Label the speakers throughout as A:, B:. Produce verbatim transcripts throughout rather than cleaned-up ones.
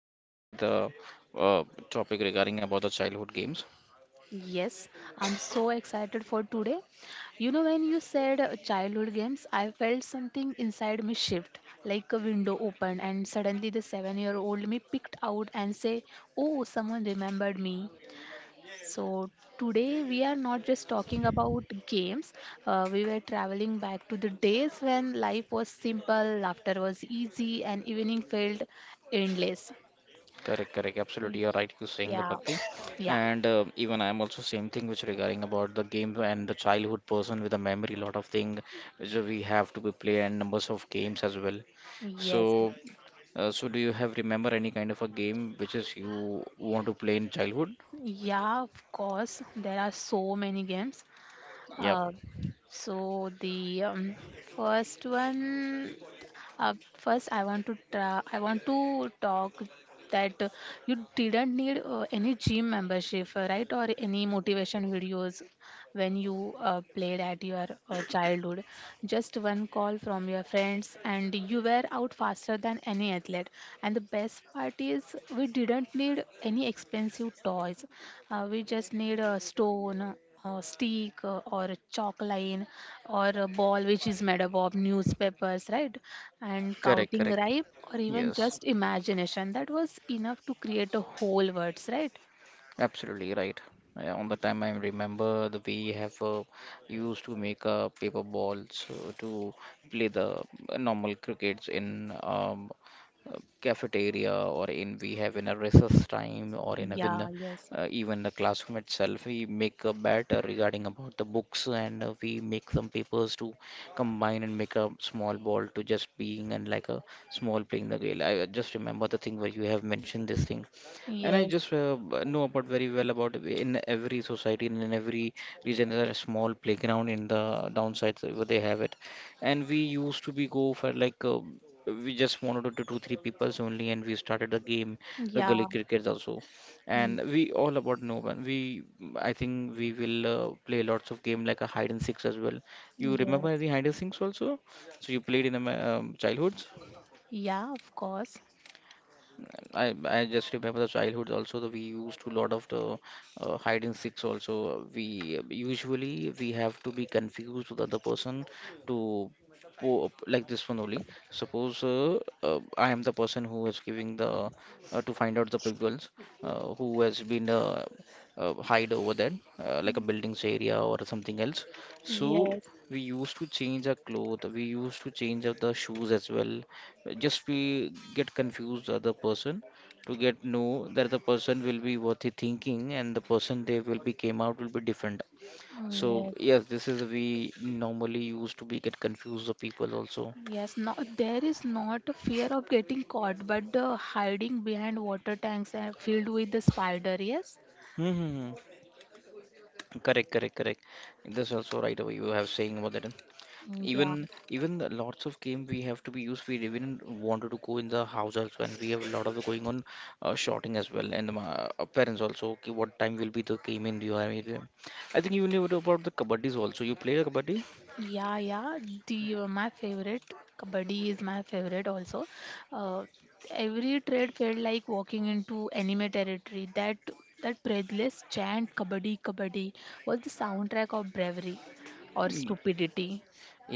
A: excited today the uh, topic regarding about the childhood games.
B: Yes, I'm so excited for today. You know, when you said uh, childhood games, I felt something inside me shift, like a window opened, and suddenly the seven-year-old me picked out and say, "Oh, someone remembered me." So today we are not just talking about games. Uh, we were traveling back to the days when life was simple, laughter was easy, and evening felt endless.
A: Correct, correct. Absolutely, you're right. You're saying the
B: Yeah,
A: Bhakti,
B: yeah.
A: and uh, even I'm also same thing which regarding about the game and the childhood person with a memory, lot of thing which we have to be play and numbers of games as well.
B: Yes.
A: So Uh, so do you have remember any kind of a game which is you want to play in childhood?
B: Yeah, of course. There are so many games.
A: Yep,
B: Uh, so the um, First one, uh, first I want to tra- I want to talk that uh, you didn't need uh, any gym membership, uh, right? Or any motivation videos. When you uh, played at your uh, childhood. Just one call from your friends, and you were out faster than any athlete. And the best part is, we didn't need any expensive toys. Uh, we just need a stone, a stick, uh, or a chalk line, or a ball which is made up of newspapers, right? And
A: correct,
B: counting
A: correct.
B: ripe, or even
A: Yes.
B: just imagination. That was enough to create a whole words, right?
A: Absolutely right. Yeah, on the time I remember the we have uh, used to make uh, paper balls uh, to play the normal crickets in um, uh, cafeteria or in we have in a recess time or in a in
B: Yeah,
A: a,
B: yes,
A: uh, even the classroom itself we make a bet uh, regarding about the books and uh, we make some papers to combine and make a small ball to just being and like a small playing the game. I uh, just remember the thing where you have mentioned this thing and I
B: yes,
A: just uh, b- know about very well about in every society and in every region there are small playground in the downsides where they have it. And we used to be go for like uh, we just wanted to two three peoples only, and we started the game, the gully
B: yeah.
A: crickets also.
B: Mm,
A: And we all about know one. We I think we will uh, play lots of game like a hide and seeks as well. You remember
B: Yes.
A: the hide and seeks also? So you played in um, childhoods?
B: Yeah, of course.
A: I I just remember the childhood also that we used to lot of the uh, hide and seeks also. We usually we have to be confused with other person to po like this one only. Suppose uh, uh, I am the person who is giving the uh, to find out the peoples uh, who has been uh, uh, hide over there uh, like a buildings area or something else. So
B: Yes.
A: we used to change our clothes. We used to change up the shoes as well just we get confused the other person to get know that the person will be what he thinking and the person they will be came out will be different
B: Mm,
A: so
B: Yes.
A: yes this is we normally used to be get confused the people also.
B: Yes. No, there is not a fear of getting caught, but the hiding behind water tanks and filled with the spider. Yes.
A: Mm-hmm. Correct, correct, correct. That's also right away you have saying about that.
B: Mm,
A: even
B: Yeah.
A: even the lots of game we have to be used we even wanted to go in the house also and we have a lot of going on uh, shouting as well and my uh, parents also okay, what time will be the game in your area. I think you knew about the kabaddis also you played a kabaddi.
B: Yeah. Yeah. The uh, my favorite kabaddi is my favorite also. Uh, every trade felt like walking into anime territory. That that breathless chant kabaddi kabaddi was the soundtrack of bravery or stupidity.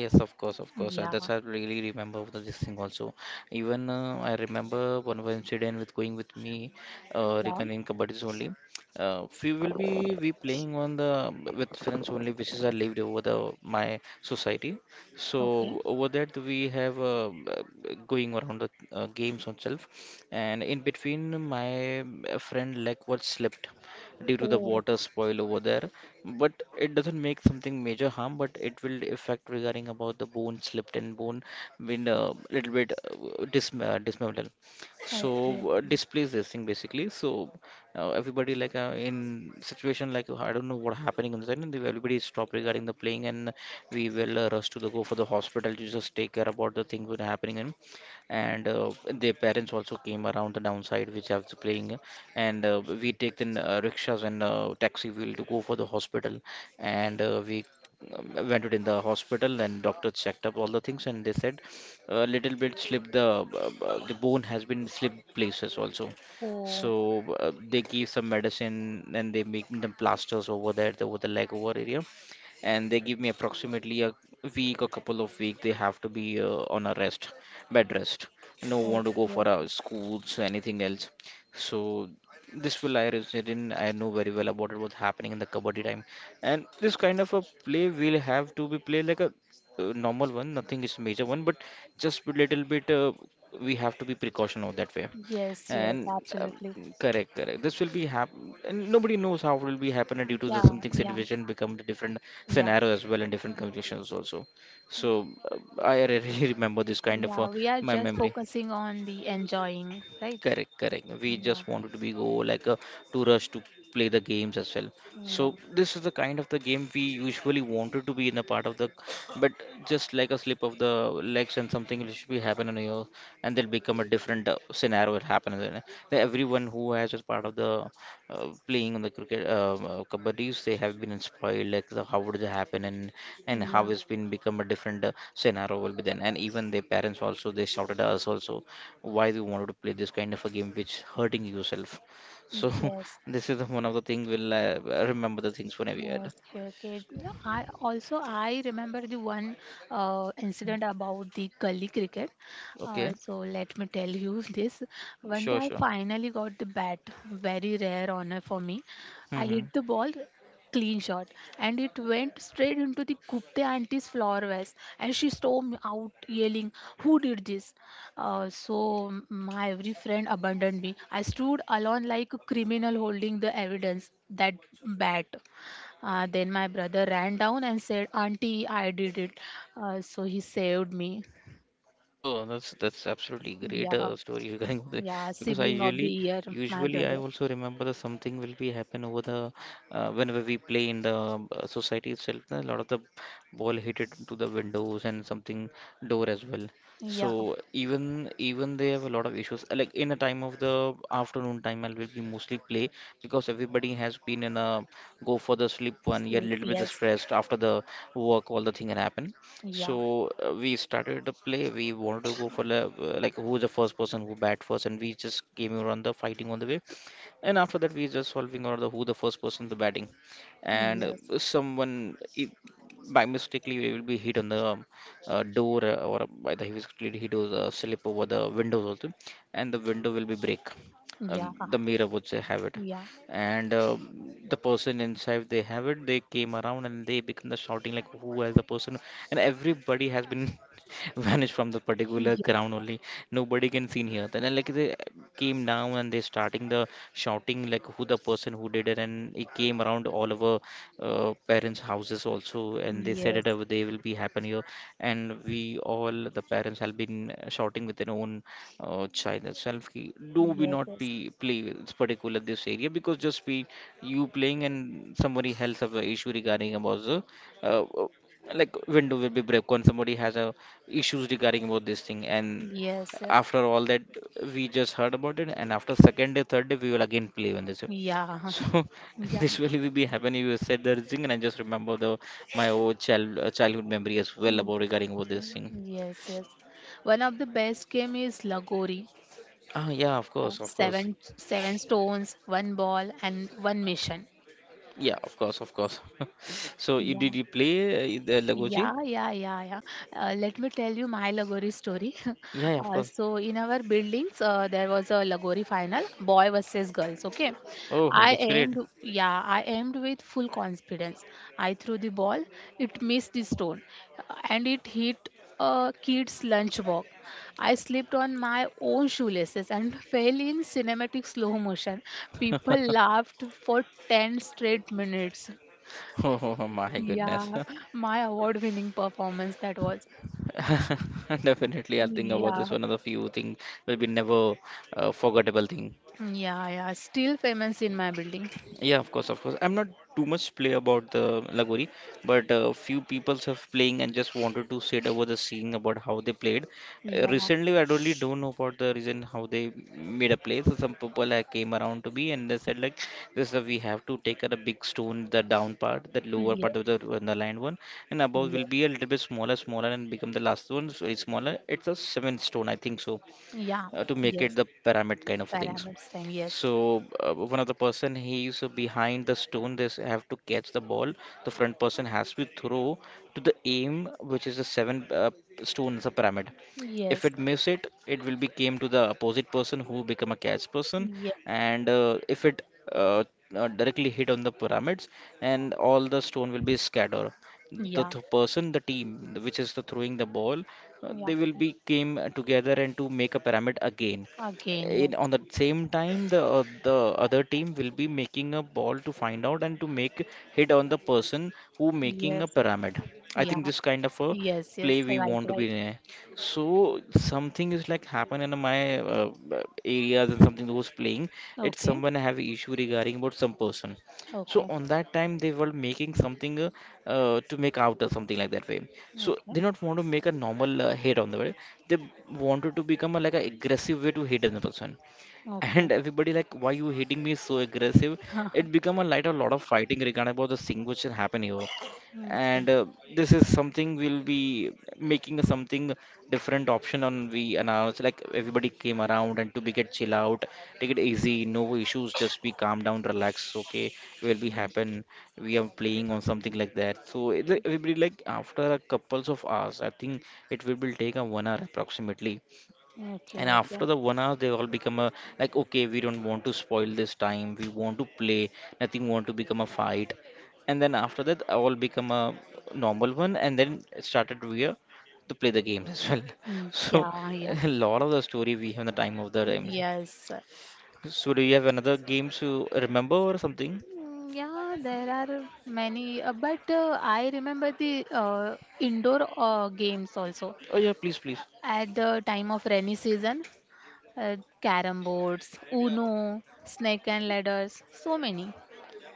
A: Yes, of course, of course. Uh,
B: Yeah.
A: that's I really remember the, this thing also. Even uh, I remember one of incident with going with me uh,
B: Yeah.
A: regarding kabaddis only. Uh, we will be we playing on the with friends only, which is I lived over the my society.
B: Okay.
A: So over that we have uh, uh, going around the uh, games on itself, and in between my uh, friend like what slept due to the
B: Oh.
A: water spoil over there. But it doesn't make something major harm, but it will affect regarding about the bone slipped and bone been a little bit uh, dis uh, dismantled.
B: Okay.
A: So uh,
B: Okay.
A: displace this thing basically. So uh, everybody like uh, in situation like I don't know what happening inside, and the- everybody stop regarding the playing, and we will uh, rush to the go for the hospital to just take care about the things that happening in and uh, their parents also came around the downside which have to playing and uh, we take the uh, rickshaws and uh, taxi wheel to go for the hospital and uh, we um, went it in the hospital and doctor checked up all the things and they said a little bit slip the uh, uh, the bone has been slipped places also. So
B: Oh.
A: uh, they give some medicine and they make them plasters over there over the leg over area and they give me approximately a week a couple of weeks. They have to be uh, on a rest, bed rest, no want to go
B: Okay.
A: for uh,
B: Okay.
A: schools anything else. So this will I resonate in I know very well about it what's happening in the kabaddi time and this kind of a play will have to be played like a uh, normal one nothing is major one but just a little bit uh, we have to be precaution of that way.
B: Yes. Yes.
A: And um,
B: Absolutely.
A: correct, correct, this will be happen and nobody knows how it will be happening due to the
B: Yeah.
A: something
B: Yeah.
A: situation become the different
B: Yeah.
A: scenario as well in different conditions also. So uh, I really remember this kind of uh,
B: Yeah. We are
A: my
B: just
A: memory.
B: focusing on the enjoying, right?
A: Correct, correct. We
B: Yeah.
A: just wanted to be go like a to rush to play the games as well. So
B: Yeah.
A: this is the kind of the game we usually wanted to be in a part of the, but just like a slip of the legs and something will should be happening here, and they'll become a different uh, scenario will happen. And then, uh, everyone who has as part of the uh, playing on the cricket uh, uh, kabaddis, they have been spoiled. Like the, how would it happen and and how
B: Yeah.
A: it's been become a different uh, scenario will be then. And even their parents also they shouted at us also why you wanted to play this kind of a game which hurting yourself. So
B: Yes.
A: this is the one of the thing will uh, remember the things whenever you had.
B: Okay, okay. No, I also I remember the one uh, incident about the gully cricket.
A: Okay,
B: Uh, so let me tell you this. One day
A: sure,
B: I
A: sure.
B: finally got the bat, very rare honor for me. I
A: Hmm.
B: hit the ball, clean shot, and it went straight into the Gupta auntie's flower vase, and she stormed out yelling, "Who did this?" Uh, so my every friend abandoned me. I stood alone like a criminal holding the evidence, that bat. Uh, then my brother ran down and said, "Auntie, I did it." Uh, so he saved me.
A: Oh, that's that's absolutely great
B: Yeah,
A: uh, story regarding the
B: yeah,
A: because I
B: sibling of the
A: usually
B: year, my
A: usually I
B: brother.
A: also remember that something will be happen over the uh, whenever we play in the uh, society itself. A lot of the ball hit it to the windows and something door as well. So
B: Yeah,
A: even even they have a lot of issues. Uh, Like in the time of the afternoon time, I will be mostly play because everybody has been in a go for the sleep one. You're a
B: sleep,
A: little bit
B: yes.
A: stressed after the work, all the thing had happened.
B: Yeah,
A: So uh, we started the play. We wanted to go for the, uh, like who's the first person who bat first, and we just came around the fighting on the way. And after that, we just solving on the who the first person the batting, and uh,
B: yes.
A: someone it, by mistakenly will be hit on the um, uh, door uh, or by the he was clearly hit or the slip over the windows also, and the window will be break. Um,
B: Yeah,
A: the mirror would say have it
B: yeah,
A: and um the person inside they have it they came around and they become the shouting like who has the person and everybody has been vanished from the particular ground
B: yeah.
A: only. Nobody can seen here then uh, like they came down and they starting the shouting like who the person who did it and it came around all over uh, parents houses also and they said it uh,
B: Yes,
A: they will be happen here and we all the parents have been shouting with their own uh, child itself ki- do we
B: yes,
A: not
B: yes,
A: be play with particular this area because just be you playing and somebody else have a issue regarding about the uh, uh, like window will be break when somebody has a issues regarding about this thing and
B: yes, yes.
A: after all that we just heard about it and after second day third day we will again play on this.
B: Yeah,
A: So
B: yeah,
A: this will be be happen you said the thing and I just remember the my old child uh, childhood memory as well
B: Mm,
A: about regarding about this thing.
B: yes, yes. One of the best game is Lagori.
A: Ah yeah, of
B: Yeah,
A: course, of course.
B: seven, seven stones, one ball, and one mission.
A: Yeah, of course, of course. So, you did
B: Yeah.
A: you play uh, the Lagoji?
B: Yeah, yeah, yeah, yeah. Uh, let me tell you my Lagori story.
A: Yeah, yeah, of
B: Uh,
A: course.
B: so, in our buildings, uh, there was a Lagori final, boy versus girls. Okay,
A: Oh,
B: I
A: that's great.
B: aimed, yeah, I aimed with full confidence. I threw the ball, it missed the stone, uh, and it hit a kid's lunchbox. I slipped on my own shoelaces and fell in cinematic slow motion. People laughed for ten straight minutes.
A: Oh, oh, my goodness.
B: Yeah, my award-winning performance that was.
A: Definitely, I'll think about
B: Yeah,
A: this. One of the few things will be never uh, forgettable thing.
B: yeah, yeah. Still famous in my building.
A: Yeah, of course, of course. I'm not too much play about the Lagori, but uh, few people have playing and just wanted to sit over the scene about how they played. Uh,
B: Yeah,
A: recently, I really don't know about the reason how they made a play. So some people like, came around to me and they said like, this uh, we have to take out a big stone, the down part, the lower
B: yes,
A: part of the underlined one, and above will
B: yes,
A: be a little bit smaller, smaller, and become the last one. So it's smaller. It's a seven stone, I think so,
B: yeah,
A: uh, to make it
B: yes.
A: the pyramid kind of things.
B: Pyramids time. Yes,
A: So uh, one of the person he is behind the stone. They have to catch the ball. The front person has to throw to the aim, which is the seven uh, stones, a pyramid. If
B: yes,
A: it miss it, it will be came to the opposite person who become a catch person.
B: yes,
A: And uh, if it uh, uh, directly hit on the pyramids and all the stone will be scattered, the
B: yeah,
A: th- person, the team which is the throwing the ball, uh,
B: yeah.
A: they will be came together and to make a pyramid again.
B: Again,
A: In
B: yes,
A: on the same time the uh, the other team will be making a ball to find out and to make hit on the person who making a
B: yes,
A: pyramid. I think
B: yeah,
A: this kind of a
B: yes,
A: play
B: yes.
A: we
B: Right,
A: want to be
B: right.
A: in. So something is like happen in my uh, uh, areas and something who's playing. It's
B: Okay,
A: someone have issue regarding about some person. So
B: okay,
A: on that time they were making something uh, uh, to make out or something like that way. So
B: okay,
A: they not want to make a normal uh, hate on the way. They wanted to become a, like a aggressive way to hate on the person.
B: okay,
A: And everybody like, why you hitting me so aggressive? It become a light a lot of fighting regarding about the thing which will happen here.
B: okay,
A: And uh, this is something we'll be making something different option on we announce, like everybody came around and to be get chill out, take it easy, no issues, just be calm down, relax, okay, will be happen. We are playing on something like that, so it- everybody like after a couples of hours I think it will will take a one hour approximately.
B: okay,
A: And after
B: okay.
A: the one hour they all become a, like, okay, we don't want to spoil this time, we want to play, nothing want to become a fight. And then after that all become a normal one and then started we are to play the games as well. So
B: Yeah, yeah.
A: a lot of the story we have in the time of the games.
B: Yes.
A: So do you have another game to remember or something?
B: Mm, Yeah, there are many, uh, but uh, I remember the uh, indoor uh, games also
A: Oh yeah, please, please.
B: at the time of rainy season, uh, carom boards, Uno, snake and ladders, so many.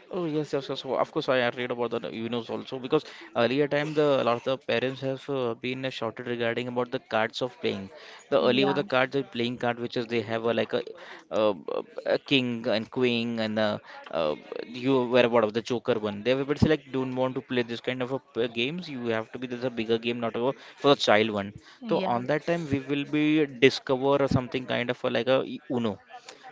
A: Oh yes, yes, yes. So of course, I had read about the Unos also because earlier time the a lot of the parents have uh, been uh, shouted regarding about the cards of playing. The earlier were
B: Yeah,
A: the cards of playing card which is they have uh, like a, uh, uh, a king and queen and uh, uh, you were about of the joker one. They were but say like, don't want to play this kind of a p- games. You have to be this a bigger game, not a for a child one. So
B: yeah,
A: on that time we will be discover something kind of uh, like a Uno.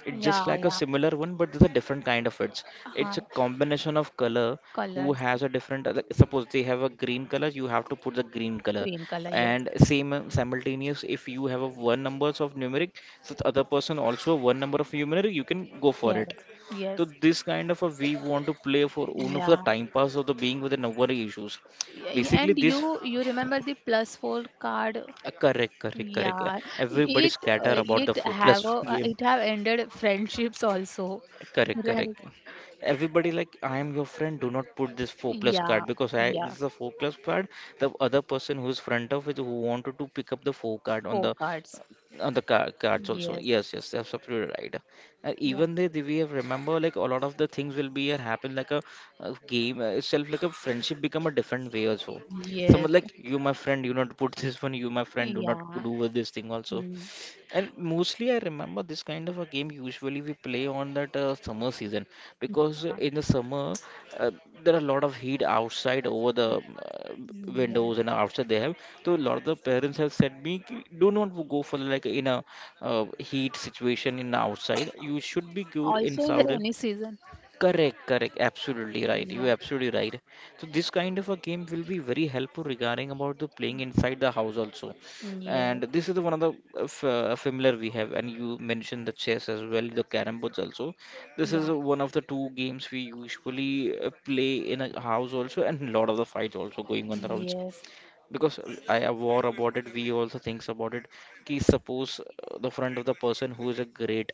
A: It's
B: yeah,
A: just like a
B: yeah.
A: similar one, but there's a different kind of it.
B: Uh,
A: It's a combination of color who
B: colors,
A: has a different. Uh, like, suppose they have a green color, you have to put the green color,
B: green color, yes,
A: and same uh, simultaneous. If you have a one numbers of numeric, so the other person also one number of numeric, you can go for it.
B: yes,
A: So
B: yes,
A: this kind of a we want to play for one for the
B: yeah.
A: time pass of the being with the number issues.
B: Y-
A: Basically,
B: And
A: this
B: you, you remember the plus four card?
A: uh, correct, correct, correct.
B: Yeah,
A: Everybody
B: it
A: scatter
B: uh,
A: about
B: it
A: the four
B: have
A: plus
B: a, uh,
A: game.
B: it have ended friendships also,
A: Correct,
B: right?
A: correct. Everybody like, I am your friend. Do not put this four plus
B: Yeah,
A: card because I this
B: yeah,
A: is a four plus card. The other person who is front of it who wanted to pick up the four card on
B: four
A: the
B: cards.
A: on the car, cards also.
B: Yes,
A: Yes, yes, that's absolutely right. Uh,
B: yeah,
A: even they, they we have remember like a lot of the things will be uh, happen like a, a game uh, itself like a friendship become a different way also. Someone
B: yes,
A: like, you my friend, do not put this one. You my friend, do not
B: yeah,
A: do with this thing also.
B: mm,
A: And mostly, I remember this kind of a game usually we play on that uh, summer season because uh,
B: uh,
A: in the summer uh, there are a lot of heat outside over the um, uh,
B: yeah.
A: windows and outside they have. So a lot of the parents have said me, "Ki- do not go for like in a uh, heat situation in outside. You should be good
B: Also in the
A: inside.
B: rainy season.
A: Correct, correct, absolutely right. You're
B: Yeah,
A: absolutely right. So this kind of a game will be very helpful regarding about the playing inside the house also.
B: yeah,
A: And this is one of the uh, f- uh, familiar we have. And you mentioned the chess as well, the carrom boards also. This is
B: yeah,
A: one of the two games we usually uh, play in a house also, and a lot of the fights also going on around
B: yes,
A: because I have war about it. We also thinks about it. Ki suppose uh, the front of the person who is a great,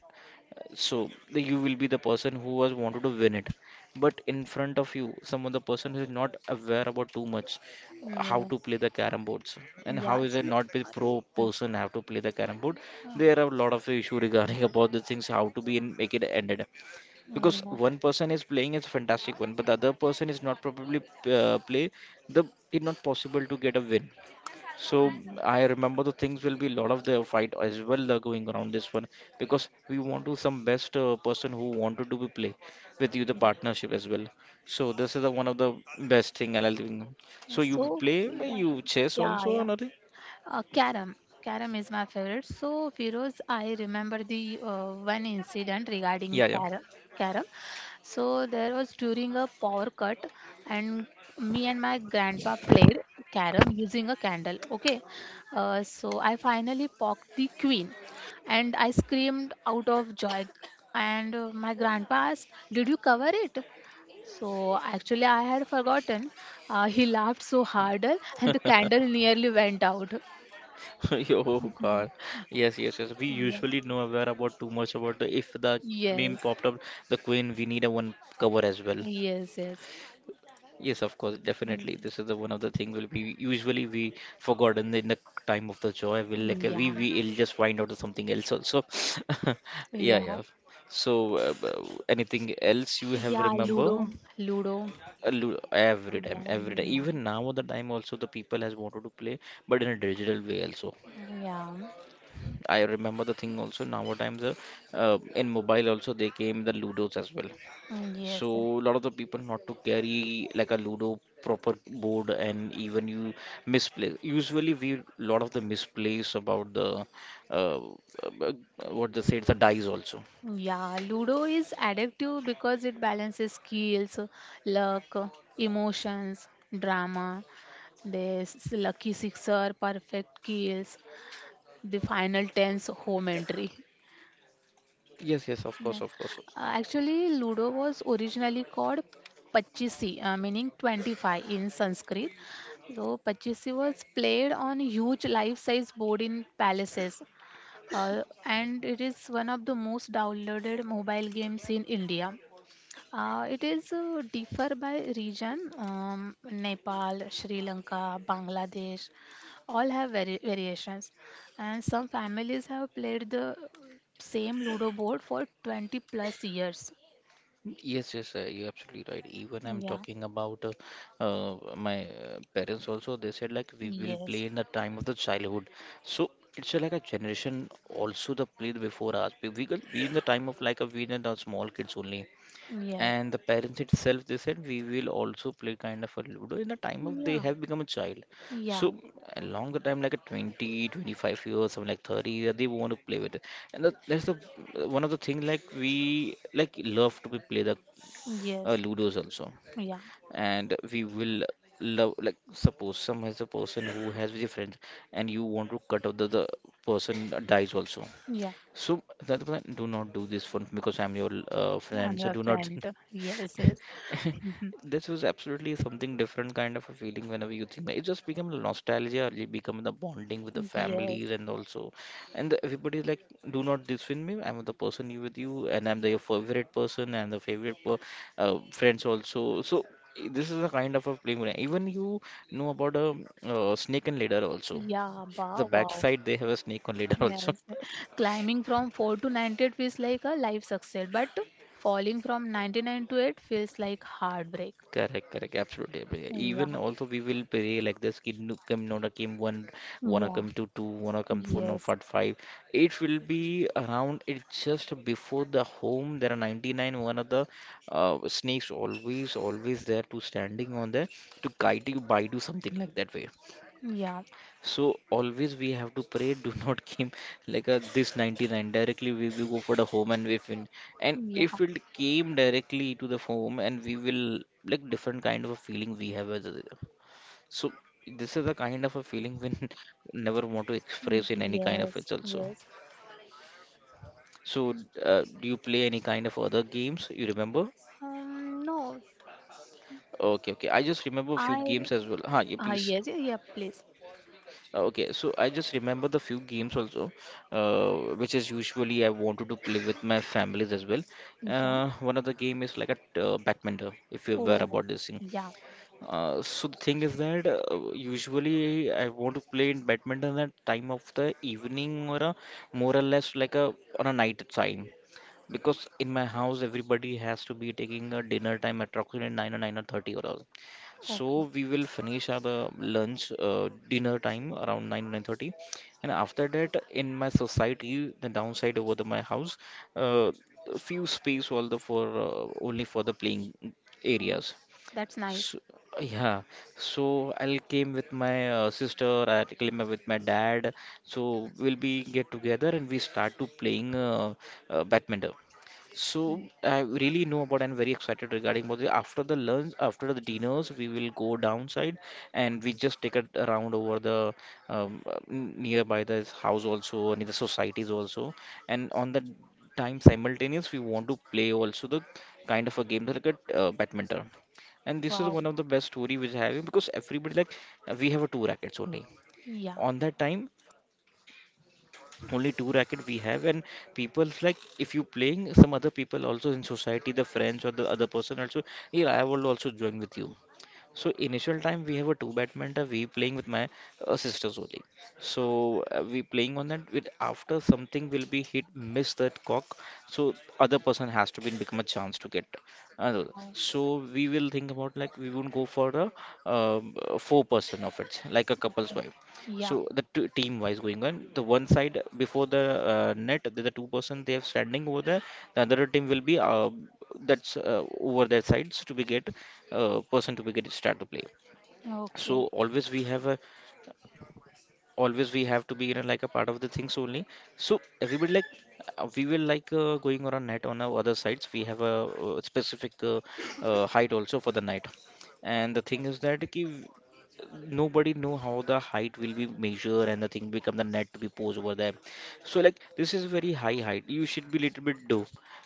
A: so the- you will be the person who was wanted to win it. But in front of you, some of the person who is not aware about too much uh, how
B: yeah,
A: to play the carom boards and
B: yeah.
A: how is it
B: So,
A: not be
B: uh,
A: pro
B: yeah,
A: person have to play the carom board.
B: uh,
A: There are a lot of issue regarding about the things how to be and make it ended because
B: mm,
A: one person is playing is a fantastic one, but the other person is not probably uh, play the it's not possible to get a win. So
B: mm.
A: I remember the things will be lot of the fight as well uh, going around this one because we want to some best uh, person who wanted to be play with you the partnership as well. So this is the one of the best thing I'll doing. So you
B: So
A: play uh,
B: yeah,
A: you chess
B: yeah,
A: also or
B: yeah.
A: nothing?
B: Uh, carom. Carom is my favorite. So, Firoz, I remember the uh, one incident regarding
A: Yeah, yeah.
B: carom. Carom. So, there was during a power cut, and me and my grandpa played carom using a candle. Okay. Uh, so, I finally poked the queen, and I screamed out of joy. And uh, my grandpa asked, "Did you cover it?" So actually, I had forgotten. Uh, he laughed so harder, and the candle nearly went out.
A: Oh
B: Mhm.
A: God. Yes, yes, yes. We
B: Yeah.
A: usually know aware about too much about the, if the meme
B: Yes,
A: popped up, the queen, we need a one cover as well.
B: yes, yes.
A: Yes, of course, definitely.
B: Mhm.
A: This is the one of the thing will be usually we forgotten in the, in the time of the joy. We'll like uh, we
B: Yeah,
A: we'll just find out something else also. Yeah,
B: yeah,
A: yeah. So uh, b- anything else you have
B: yeah.
A: remember?
B: Ludo, Ludo.
A: Uh, lo- Every time,
B: Yeah,
A: every time.
B: yeah,
A: Even now at the time also the people has wanted to play, but in a digital way also.
B: yeah.
A: I remember the thing also now times uh, uh, in mobile also they came the Ludos as well. So
B: Yes,
A: a lot of the people not to carry like a Ludo proper board and even you misplace. Usually we lot of the misplace about the uh, uh, what they say the dice also.
B: yeah. Ludo is addictive because it balances skills, luck, emotions, drama. There's lucky sixer, perfect kills, the final tense home entry.
A: Yes, yes, of
B: Yeah.
A: course, of course.
B: Uh, actually, Ludo was originally called Pachisi, uh, meaning twenty-five in Sanskrit. So, Pachisi was played on huge life size board in palaces, uh, and it is one of the most downloaded mobile games in India. Uh, it is uh, differ by region. Um, Nepal, Sri Lanka, Bangladesh, all have vari- variations, and some families have played the same Ludo board for twenty plus years.
A: Yes, yes, uh, you're absolutely right. Even I'm
B: Yeah.
A: talking about uh, uh, my uh, parents also. They said like, we will
B: Yes.
A: play in the time of the childhood. So it's uh, like a generation also the played before us. We we, got- we in the time of like a we in the small kids only.
B: Yes.
A: And the parents itself they said we will also play kind of a ludo in the time of they
B: Yeah.
A: have become a child. So
B: Yeah.
A: a longer time like a twenty, twenty-five years, something like thirty years they want to play with it. And that, that's the one of the thing like we like love to be play the uh,
B: Yes.
A: ludos also.
B: Yeah.
A: And we will love like, suppose some has a person who has with your friends and you want to cut out the, the person dies also.
B: Yeah.
A: So that, do not do this for because I'm your uh,
B: Yeah,
A: friend.
B: I'm
A: So
B: your
A: do not.
B: friend. Yes. Yes.
A: This was absolutely something different kind of a feeling whenever you think that. It just become nostalgia, it become the bonding with the families
B: Yes.
A: and also, and the, everybody is like, do not disfriend me. I'm the person you with you, and I'm the your favorite person and the favorite per, uh, friends also. So i- this is a kind of a play. Where even you know about a uh, snake and ladder also.
B: Yeah. Ba-
A: The
B: wow.
A: backside they have a snake on ladder also.
B: Yes, climbing from four to ninety-eight feels like a life success, but falling from ninety-nine to eight feels like heartbreak.
A: Correct, correct, absolutely, absolutely.
B: Yeah,
A: Even also we will pray like this, Kim Kim Nona Kim one, wanna
B: yeah,
A: come to two, wanna come four, no
B: yes,
A: fat five. It will be around it just before the home. There are ninety-nine one of the uh, snakes always always there to standing on there to guide you by do something like that way.
B: yeah,
A: So always we have to pray, do not came like a this ninety-nine directly we will go for the home and we win. And
B: yeah,
A: if it came directly to the home, and we will like different kind of a feeling we have as a, so this is the kind of a feeling we never want to express in any kind of
B: yes,
A: it also.
B: yes,
A: So uh, do you play any kind of other games you remember?
B: um, no,
A: Okay, okay. I just remember a few
B: I,
A: games as well. Huh, yeah,
B: uh,
A: please.
B: yes, yeah, yeah, please.
A: Uh, Okay, so I just remember the few games also, uh, which is usually I wanted to play with my families as well.
B: Yeah,
A: Uh, one of the game is like a t- uh, backmender, if you're aware
B: oh,
A: about this thing.
B: yeah,
A: Uh, so the thing is that uh, usually I want to play in badminton at time of the evening, or a more or less like a on a night time, because in my house everybody has to be taking a dinner time at approximately nine or nine or thirty, or so
B: okay,
A: we will finish our the lunch uh, dinner time around nine nine thirty. And after that in my society, the downside over the my house, uh, few space all the for uh, only for the playing
B: oh,
A: areas,
B: that's nice.
A: so, yeah, so I'll came with my uh, sister, I came with my dad. So we'll be get together and we start to playing uh, uh, badminton. So
B: Mm,
A: I really know about and very excited regarding about the after the lunch, after the dinners, we will go downside and we just take a round over the um, uh, n- nearby the house also, near the societies also, and on the time simultaneous we want to play also the kind of a game like a uh, badminton. And this is
B: wow,
A: one of the best story which I have because everybody like uh, we have a two rackets only.
B: yeah,
A: On that time only two racket we have, and people's like if you playing some other people also in society, the friends or the other person also, yeah, I will also join with you. So initial time we have a two badminton, we playing with my uh, sisters only. So uh, we playing on that with after something will be hit miss that cock. So other person has to be become a chance to get another.
B: wow,
A: So we will think about like we won't go for a um, uh, four person of it like a couple's
B: okay,
A: wife.
B: yeah,
A: So the two team wise going on the one side before the uh, net, the, the two person they have standing over there. The other team will be uh, that's uh, over their sides to be get uh, person to be get start to play. So
B: okay,
A: always we have a always we have to be, you know, like a part of the things only. So everybody like uh, we will like uh, going on a net on our other sides, we have a uh, specific uh, uh, height also for the net. And the thing is that ki, nobody know how the height will be measured and the thing become the net to be posed over there. So like this is very high height, you should be little bit low.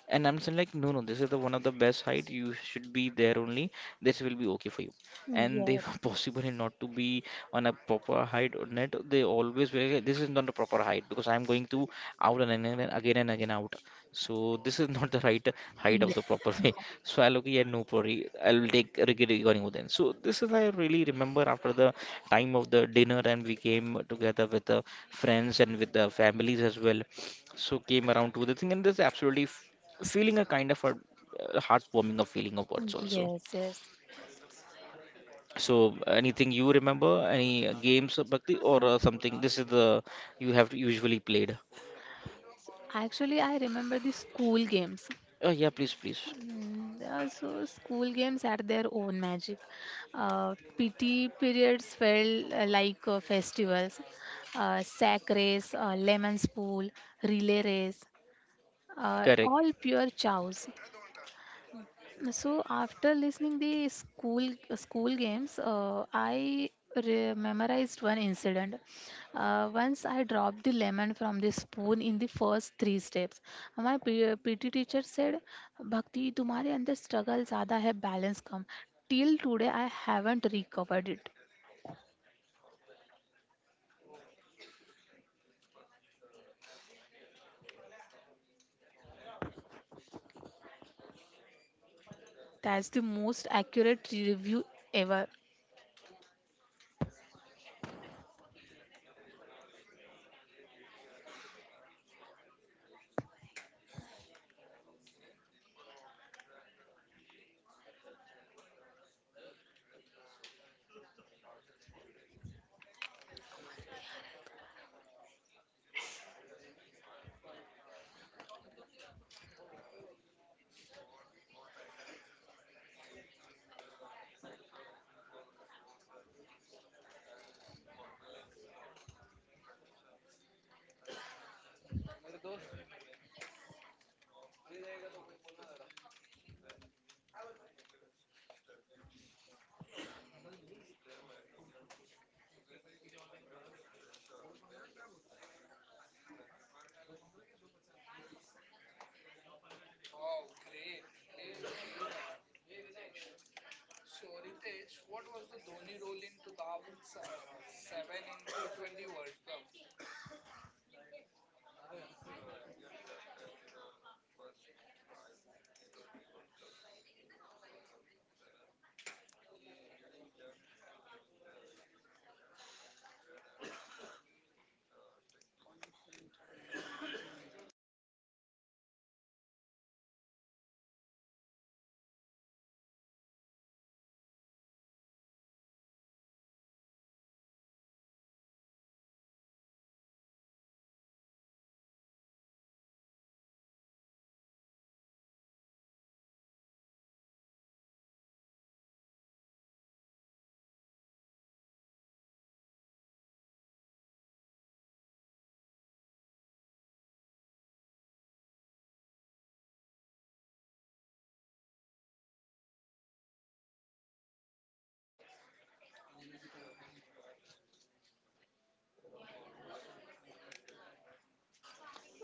A: And I'm saying like, no, no, this is the one of the best height, you should be there only, this will be okay for you. And they
B: yes,
A: were possibly not to be on a proper height or net, they always were this is not a proper height because I'm going to out, and again and again and again out. So this is not the right height of
B: yeah,
A: the proper way. So I'll okay, yeah, no worry, I'll take regarding then. So this is I really remember after the time of the dinner, and we came together with the friends and with the families as well. So came around to the thing, and this absolutely f- feeling a kind of a uh, heartwarming of feeling of words also.
B: yes, yes.
A: So anything you remember, any uh, games, uh, Bhakti, or
B: Ah,
A: uh, something? This is the you have usually played.
B: actually, I remember the school games.
A: Oh yeah, please, please.
B: Mm, They also school games had their own magic. Uh, P T periods felt uh, like uh, festivals. Uh, sack race, uh, lemon spool, relay race, uh,
A: Correct.
B: all pure chows. So after listening the school school games, uh, I re- memorized one incident. Uh, once I dropped the lemon from the spoon in the first three steps. My P- PT teacher said, "Bhakti, तुम्हारे अंदर struggle ज़्यादा है, balance come." Till today, I haven't recovered it. That's the most accurate review ever.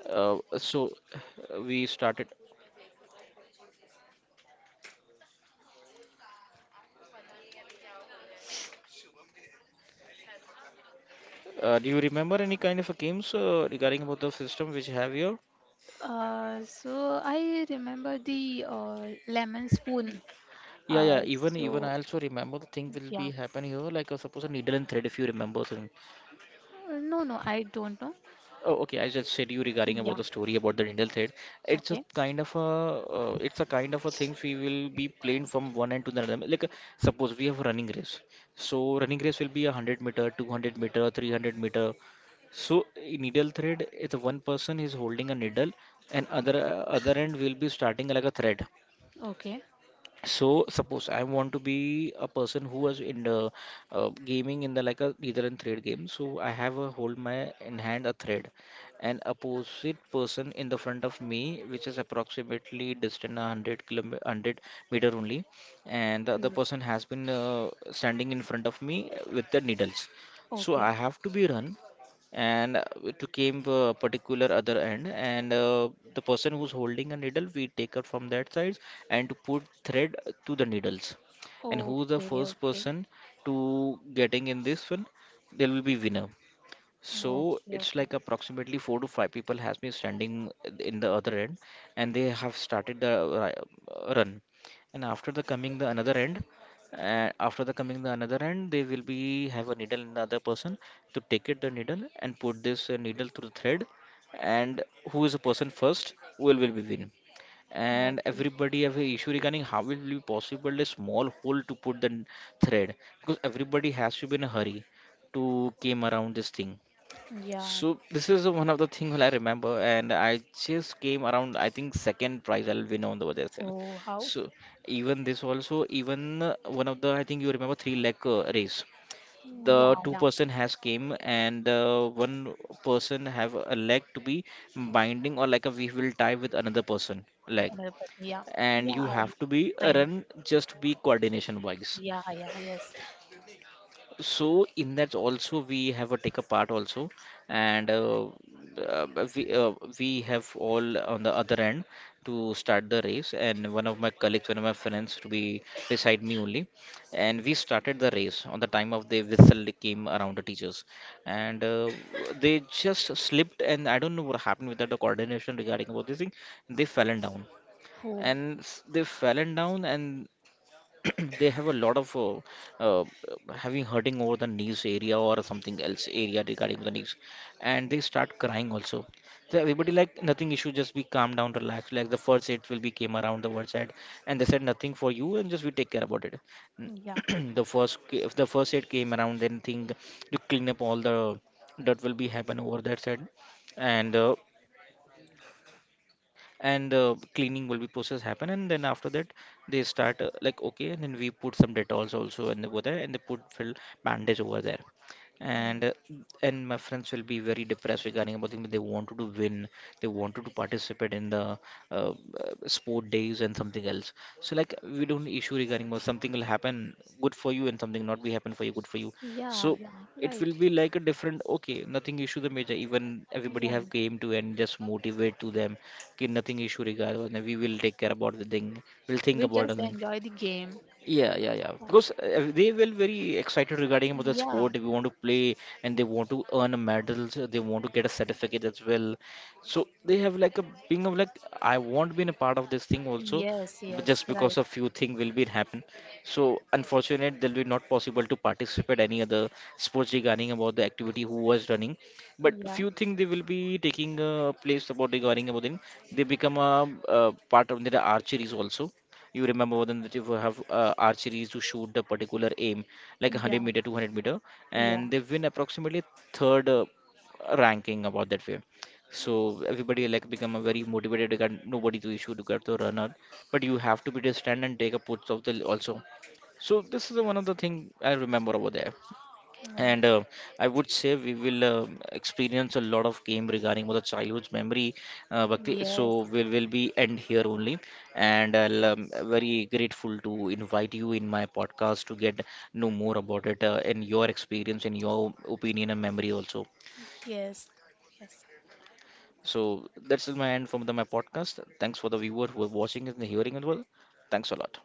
A: Uh, so uh, we started. Uh, do you remember any kind of a games uh, regarding about the system which have here?
B: Uh, so I remember the uh, lemon spoon.
A: Yeah, yeah.
B: Uh,
A: Even even I
B: so
A: also remember the thing will be
B: yeah.
A: happen here. Like uh, suppose a needle and thread, if you remember. So
B: Uh, no, no, I don't know.
A: oh, okay. I just said you regarding about
B: Yeah.
A: the story about the Rindal thread. It's a
B: Okay.
A: kind of a uh, it's a kind of a thing we will be playing from one end to the other. Like uh, suppose we have a running race. So running race will be a hundred meter, two hundred meter, three hundred meter. So in needle thread, it's one person is holding a needle, and other uh, other end will be starting like a thread.
B: Okay.
A: So suppose I want to be a person who was in the uh, gaming in the like a leader and thread game. So I have a hold my in hand a thread, and opposite person in the front of me, which is approximately distant a hundred kilometer, hundred meter only, and the other
B: Yeah.
A: person has been uh, standing in front of me with the needles. So
B: Okay.
A: I have to be run and uh, to came a particular other end, and uh, the person who's holding a needle we take her from that side and to put thread to the needles, and who the
B: Okay.
A: first
B: Okay.
A: person to getting in this one, they will be winner. So
B: Okay.
A: it's
B: Okay.
A: like approximately four to five people has been standing in the other end, and they have started the ri- uh, run. And after the coming the another end, uh, after the coming the another end, they will be have a needle in the other person to take it the needle and put this uh, needle through the thread, and who is the person first will will be win. And
B: Okay.
A: everybody have a issue regarding how it will be possible a small hole to put the n- thread, because everybody has to be in a hurry to came around this thing.
B: Yeah.
A: So this is one of the thing that I remember, and I just came around. I think second prize I'll win on the other side.
B: Oh, how?
A: So even this also, even uh, one of the I think you remember three leg uh, race. The
B: Yeah.
A: two
B: Yeah.
A: person has came, and uh, one person have a leg to be binding, or like a we will tie with another person leg,
B: Another person. Yeah. Yeah.
A: and you have to be
B: I, I
A: uh,
B: know.
A: run just be coordination wise.
B: Yeah. Yeah. Yes.
A: So in that also we have a take a part also, and uh, uh, we uh, we have all on the other end to start the race, and one of my colleagues, one of my friends to be beside me only, and we started the race on the time of the whistle came around the teachers, and uh, they just slipped, and I don't know what happened without the coordination regarding about this thing, they fell and down,
B: Oh.
A: and s- they fallen down, and they have a lot of uh, uh, having hurting over the knees area or something else area regarding the knees, and they start crying also. So everybody like nothing issue, just be calm down, relax, like the first aid will be came around the word side, and they said nothing for you and just we take care about it.
B: Yeah.
A: The first ca- if the first aid came around, then thing to clean up all the dirt will be happen over that side, and uh, and uh, cleaning will be process happen, and then after that they start uh, like okay, and then we put some detolls also and over there, and they put fill bandage over there,
B: Oh.
A: and uh, and my friends will be very depressed regarding about things, they wanted to win, they wanted to participate in the uh, uh, sport days and something else. So like we don't issue regarding about something will happen good for you, and something not be happen for you good for you.
B: Yeah.
A: So
B: Yeah.
A: it
B: Right.
A: will be like a different okay, nothing issue the major, even everybody
B: Yeah.
A: have came to and just motivate to them कि nothing issue regard, we will take care about the thing, we'll
B: We
A: think about
B: just
A: the thing.
B: enjoy the game.
A: Yeah, yeah, yeah.
B: Yeah.
A: Because uh, they will very excited regarding about the
B: Yeah.
A: sport. They want to play, and they want to earn a medals. uh, They want to get a certificate as well. So they have like a being of like I want to be in a part of this thing also,
B: Yes,
A: but
B: yes,
A: just
B: right.
A: because a few things will be happen. So unfortunate, they'll be not possible to participate any other sports regarding about the activity who was running. But
B: Yeah,
A: few things they will be taking a place about regarding about them. They become a, uh part of the archeries also, you remember then that if you have uh, archeries to shoot the particular aim, like one hundred
B: yeah,
A: meter, two hundred meter,
B: yeah.
A: and they win approximately third uh, ranking about that way. So everybody like become a very motivated. You Got nobody to issue to get the runner, but you have to be distant and take a puts of the also. So this is the one of the thing I remember over there.
B: Mm,
A: And uh, I would say we will uh, experience a lot of game regarding the childhood's memory, uh, Bhakti. So
B: yes,
A: we'll will be end here only, and I'll
B: yeah,
A: um, very grateful to invite you in my podcast to get know more about it uh, and your experience and your opinion and memory also.
B: yes, yes.
A: So that's my end from the, my podcast. Thanks for the viewer who are watching and hearing as well. Thanks a lot.